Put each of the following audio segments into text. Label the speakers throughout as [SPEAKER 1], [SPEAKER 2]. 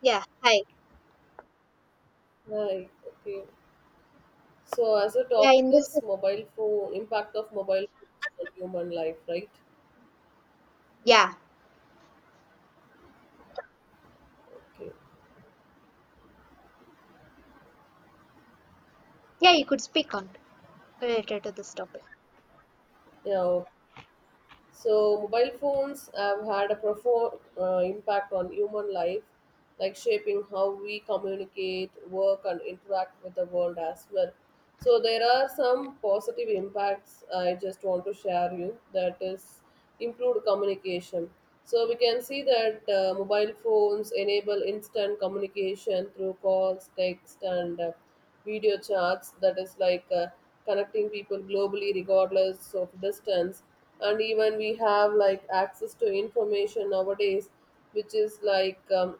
[SPEAKER 1] Yeah, hi.
[SPEAKER 2] Right. Okay. So as a
[SPEAKER 1] Yeah,
[SPEAKER 2] topic
[SPEAKER 1] in this,
[SPEAKER 2] is mobile phone impact of mobile phone on human life, right?
[SPEAKER 1] yeah,
[SPEAKER 2] Okay.
[SPEAKER 1] yeah, you could speak on related to this topic.
[SPEAKER 2] Yeah. So, mobile phones have had a profound impact on human life, like shaping how we communicate, work, and interact with the world as well. So, there are some positive impacts I just want to share you, that is improved communication. So, we can see that mobile phones enable instant communication through calls, text, and video chats, that is like connecting people globally regardless of distance. And even we have like access to information nowadays, which is like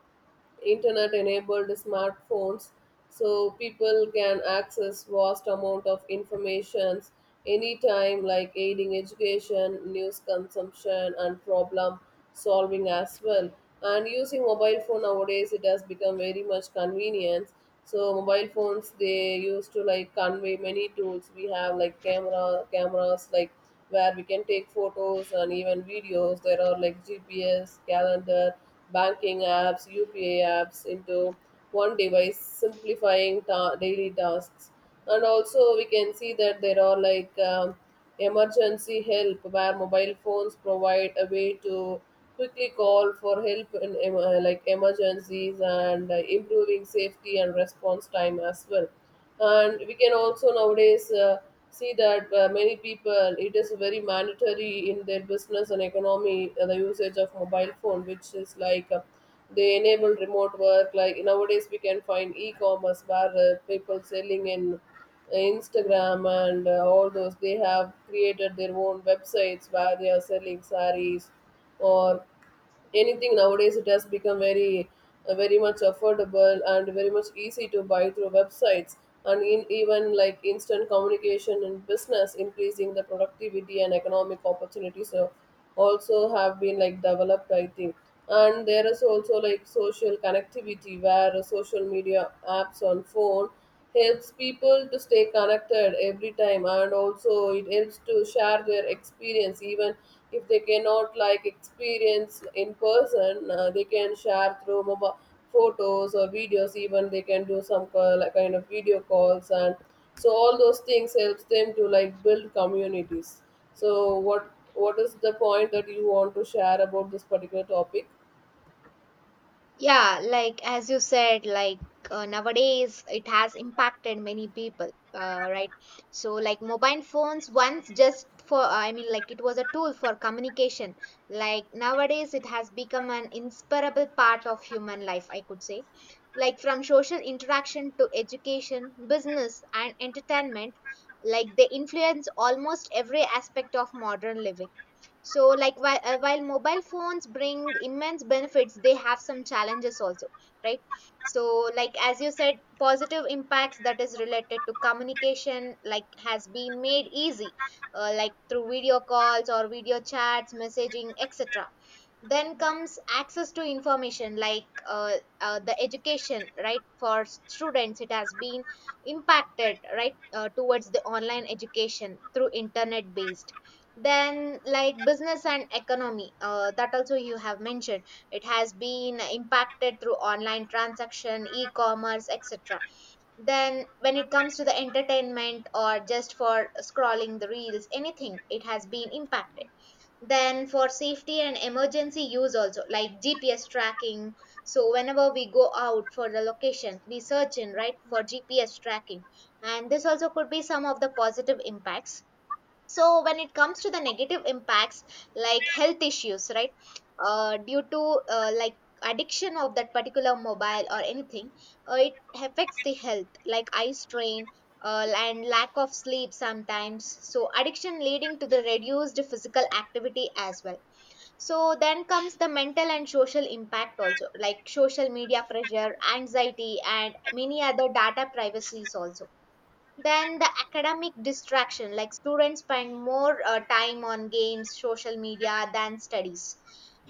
[SPEAKER 2] internet enabled smartphones, so people can access vast amount of informations anytime, like aiding education, news consumption, and problem solving as well. And using mobile phone nowadays, it has become very much convenient. So mobile phones, they used to like convey many tools. We have like cameras like where we can take photos and even videos. There are like gps, calendar, banking apps, upa apps into one device, simplifying daily tasks. And also we can see that there are like emergency help, where mobile phones provide a way to quickly call for help in like emergencies, and improving safety and response time as well. And we can also nowadays see that many people, it is very mandatory in their business and economy, the usage of mobile phone, which is like they enable remote work. Like nowadays, we can find e-commerce, where people selling in Instagram and all those. They have created their own websites where they are selling saris or anything. Nowadays it has become very very much affordable and very much easy to buy through websites. And in even like instant communication and business, increasing the productivity and economic opportunities, so also have been like developed, I think. And there is also like social connectivity, where social media apps on phone helps people to stay connected every time, and also it helps to share their experience. Even if they cannot like experience in person, they can share through mobile photos or videos. Even they can do some like kind of video calls, and so all those things helps them to like build communities. So what is the point that you want to share about this particular topic?
[SPEAKER 1] Yeah, like as you said, nowadays it has impacted many people, right? So, like mobile phones once just for, like it was a tool for communication. Like nowadays it has become an inseparable part of human life, I could say. Like from social interaction to education, business, and entertainment, like they influence almost every aspect of modern living. So while mobile phones bring immense benefits, they have some challenges also, right? So like as you said, positive impacts that is related to communication like has been made easy, like through video calls or video chats, messaging, etc. Then comes access to information, like the education, right? For students it has been impacted, right, towards the online education through internet based. Then like business and economy, that also you have mentioned, it has been impacted through online transaction, e-commerce, etc. Then when it comes to the entertainment or just for scrolling the reels, anything it has been impacted. Then for safety and emergency use also, like GPS tracking. So whenever we go out for the location, we search in, right, for GPS tracking. And this also could be some of the positive impacts. So when it comes to the negative impacts, like health issues, right, due to like addiction of that particular mobile or anything, it affects the health, like eye strain, and lack of sleep sometimes. So addiction leading to the reduced physical activity as well. So then comes the mental and social impact also, like social media pressure, anxiety, and many other data privacies also. Then the academic distraction, like students spend more time on games, social media than studies.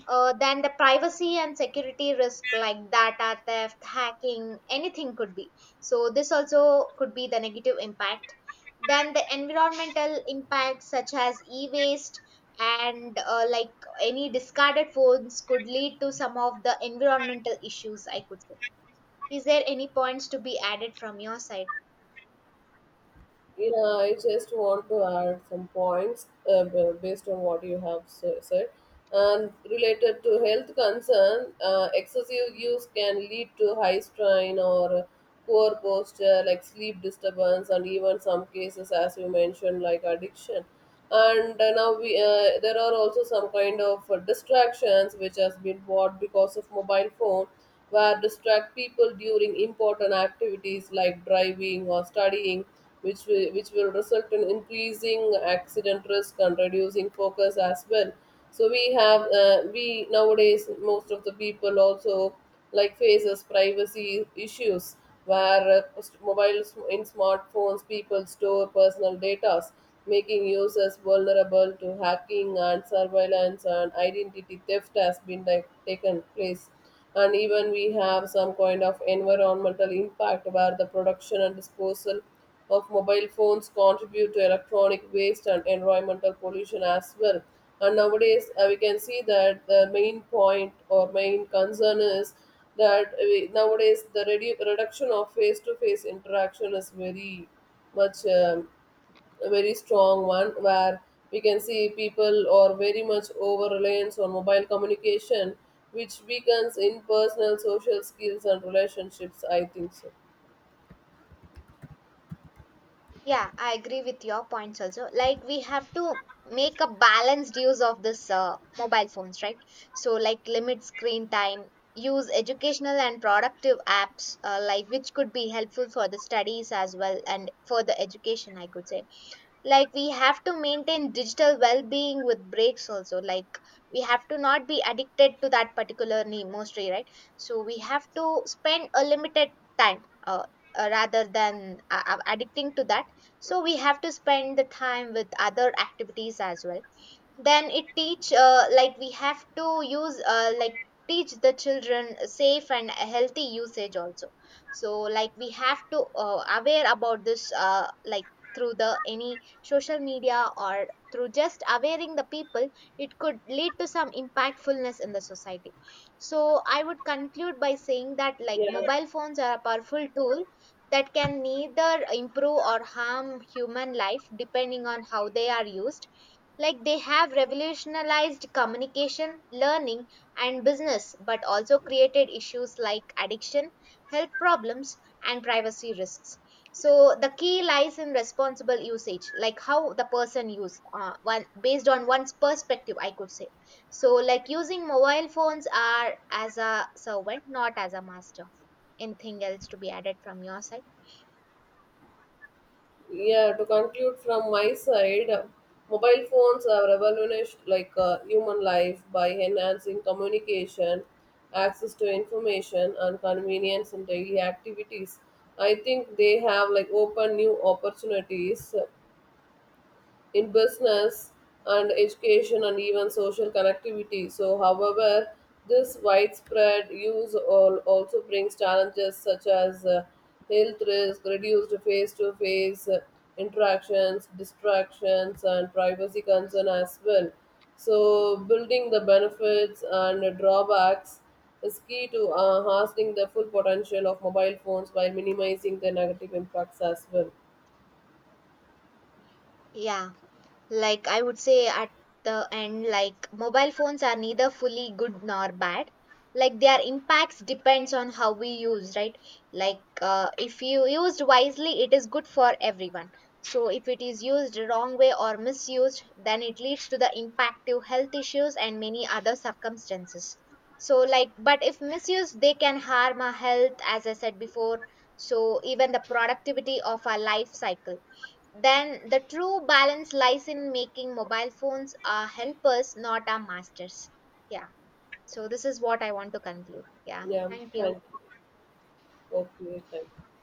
[SPEAKER 1] Then the privacy and security risk, like data theft, hacking, anything could be. So this also could be the negative impact. Then the environmental impacts, such as e-waste, and like any discarded phones, could lead to some of the environmental issues, I could say. Is there any points to be added from your side?
[SPEAKER 2] Yeah, I just want to add some points based on what you have said. And related to health concern, excessive use can lead to high strain or poor posture, like sleep disturbance, and even some cases, as you mentioned, like addiction. And now we there are also some kind of distractions which has been bought because of mobile phone, where distract people during important activities like driving or studying, which will result in increasing accident risk and reducing focus as well. So we have we nowadays most of the people also like faces privacy issues, where mobile, in smartphones people store personal data, making users vulnerable to hacking and surveillance, and identity theft has been like taken place. And even we have some kind of environmental impact, where the production and disposal of mobile phones contribute to electronic waste and environmental pollution as well. And nowadays, we can see that the main point or main concern is that nowadays the reduction of face-to-face interaction is very much a very strong one, where we can see people are very much over reliance on mobile communication, which weakens in personal social skills and relationships, I think so.
[SPEAKER 1] Yeah, I agree with your points also. Like we have to make a balanced use of this mobile phones, right? So like limit screen time, use educational and productive apps, like which could be helpful for the studies as well and for the education, I could say. Like we have to maintain digital well-being with breaks also. Like we have to not be addicted to that particular name mostly, right? So we have to spend a limited time, rather than addicting to that. So we have to spend the time with other activities as well. Then it teach, like we have to use, like teach the children safe and healthy usage also. So like we have to aware about this, like through the any social media or through just awareing the people, it could lead to some impactfulness in the society. So I would conclude by saying that like
[SPEAKER 2] Yeah.
[SPEAKER 1] mobile phones are a powerful tool that can neither improve or harm human life depending on how they are used. Like they have revolutionized communication, learning, and business, but also created issues like addiction, health problems, and privacy risks. So the key lies in responsible usage, like how the person used one based on one's perspective, I could say. So like using mobile phones are as a servant, not as a master. Anything else to be added from your side?
[SPEAKER 2] Yeah, to conclude from my side, mobile phones have revolutionized like human life by enhancing communication, access to information, and convenience in daily activities. I think they have like opened new opportunities in business and education and even social connectivity. So, however, this widespread use also brings challenges such as health risk, reduced face to face interactions, distractions, and privacy concern as well. So, building the benefits and drawbacks is key to harnessing the full potential of mobile phones while minimizing the negative impacts as well.
[SPEAKER 1] Yeah. Like I would say at the end, like mobile phones are neither fully good nor bad. Like their impacts depends on how we use, right? Like if you used wisely, it is good for everyone. So if it is used wrong way or misused, then it leads to the impact to health issues and many other circumstances. So like, but if misused they can harm our health, as I said before. So even the productivity of our life cycle. Then the true balance lies in making mobile phones our helpers, not our masters. Yeah. So this is what I want to conclude. Yeah.
[SPEAKER 2] Yeah,
[SPEAKER 1] Thank you.
[SPEAKER 2] thank you. Okay, thank you.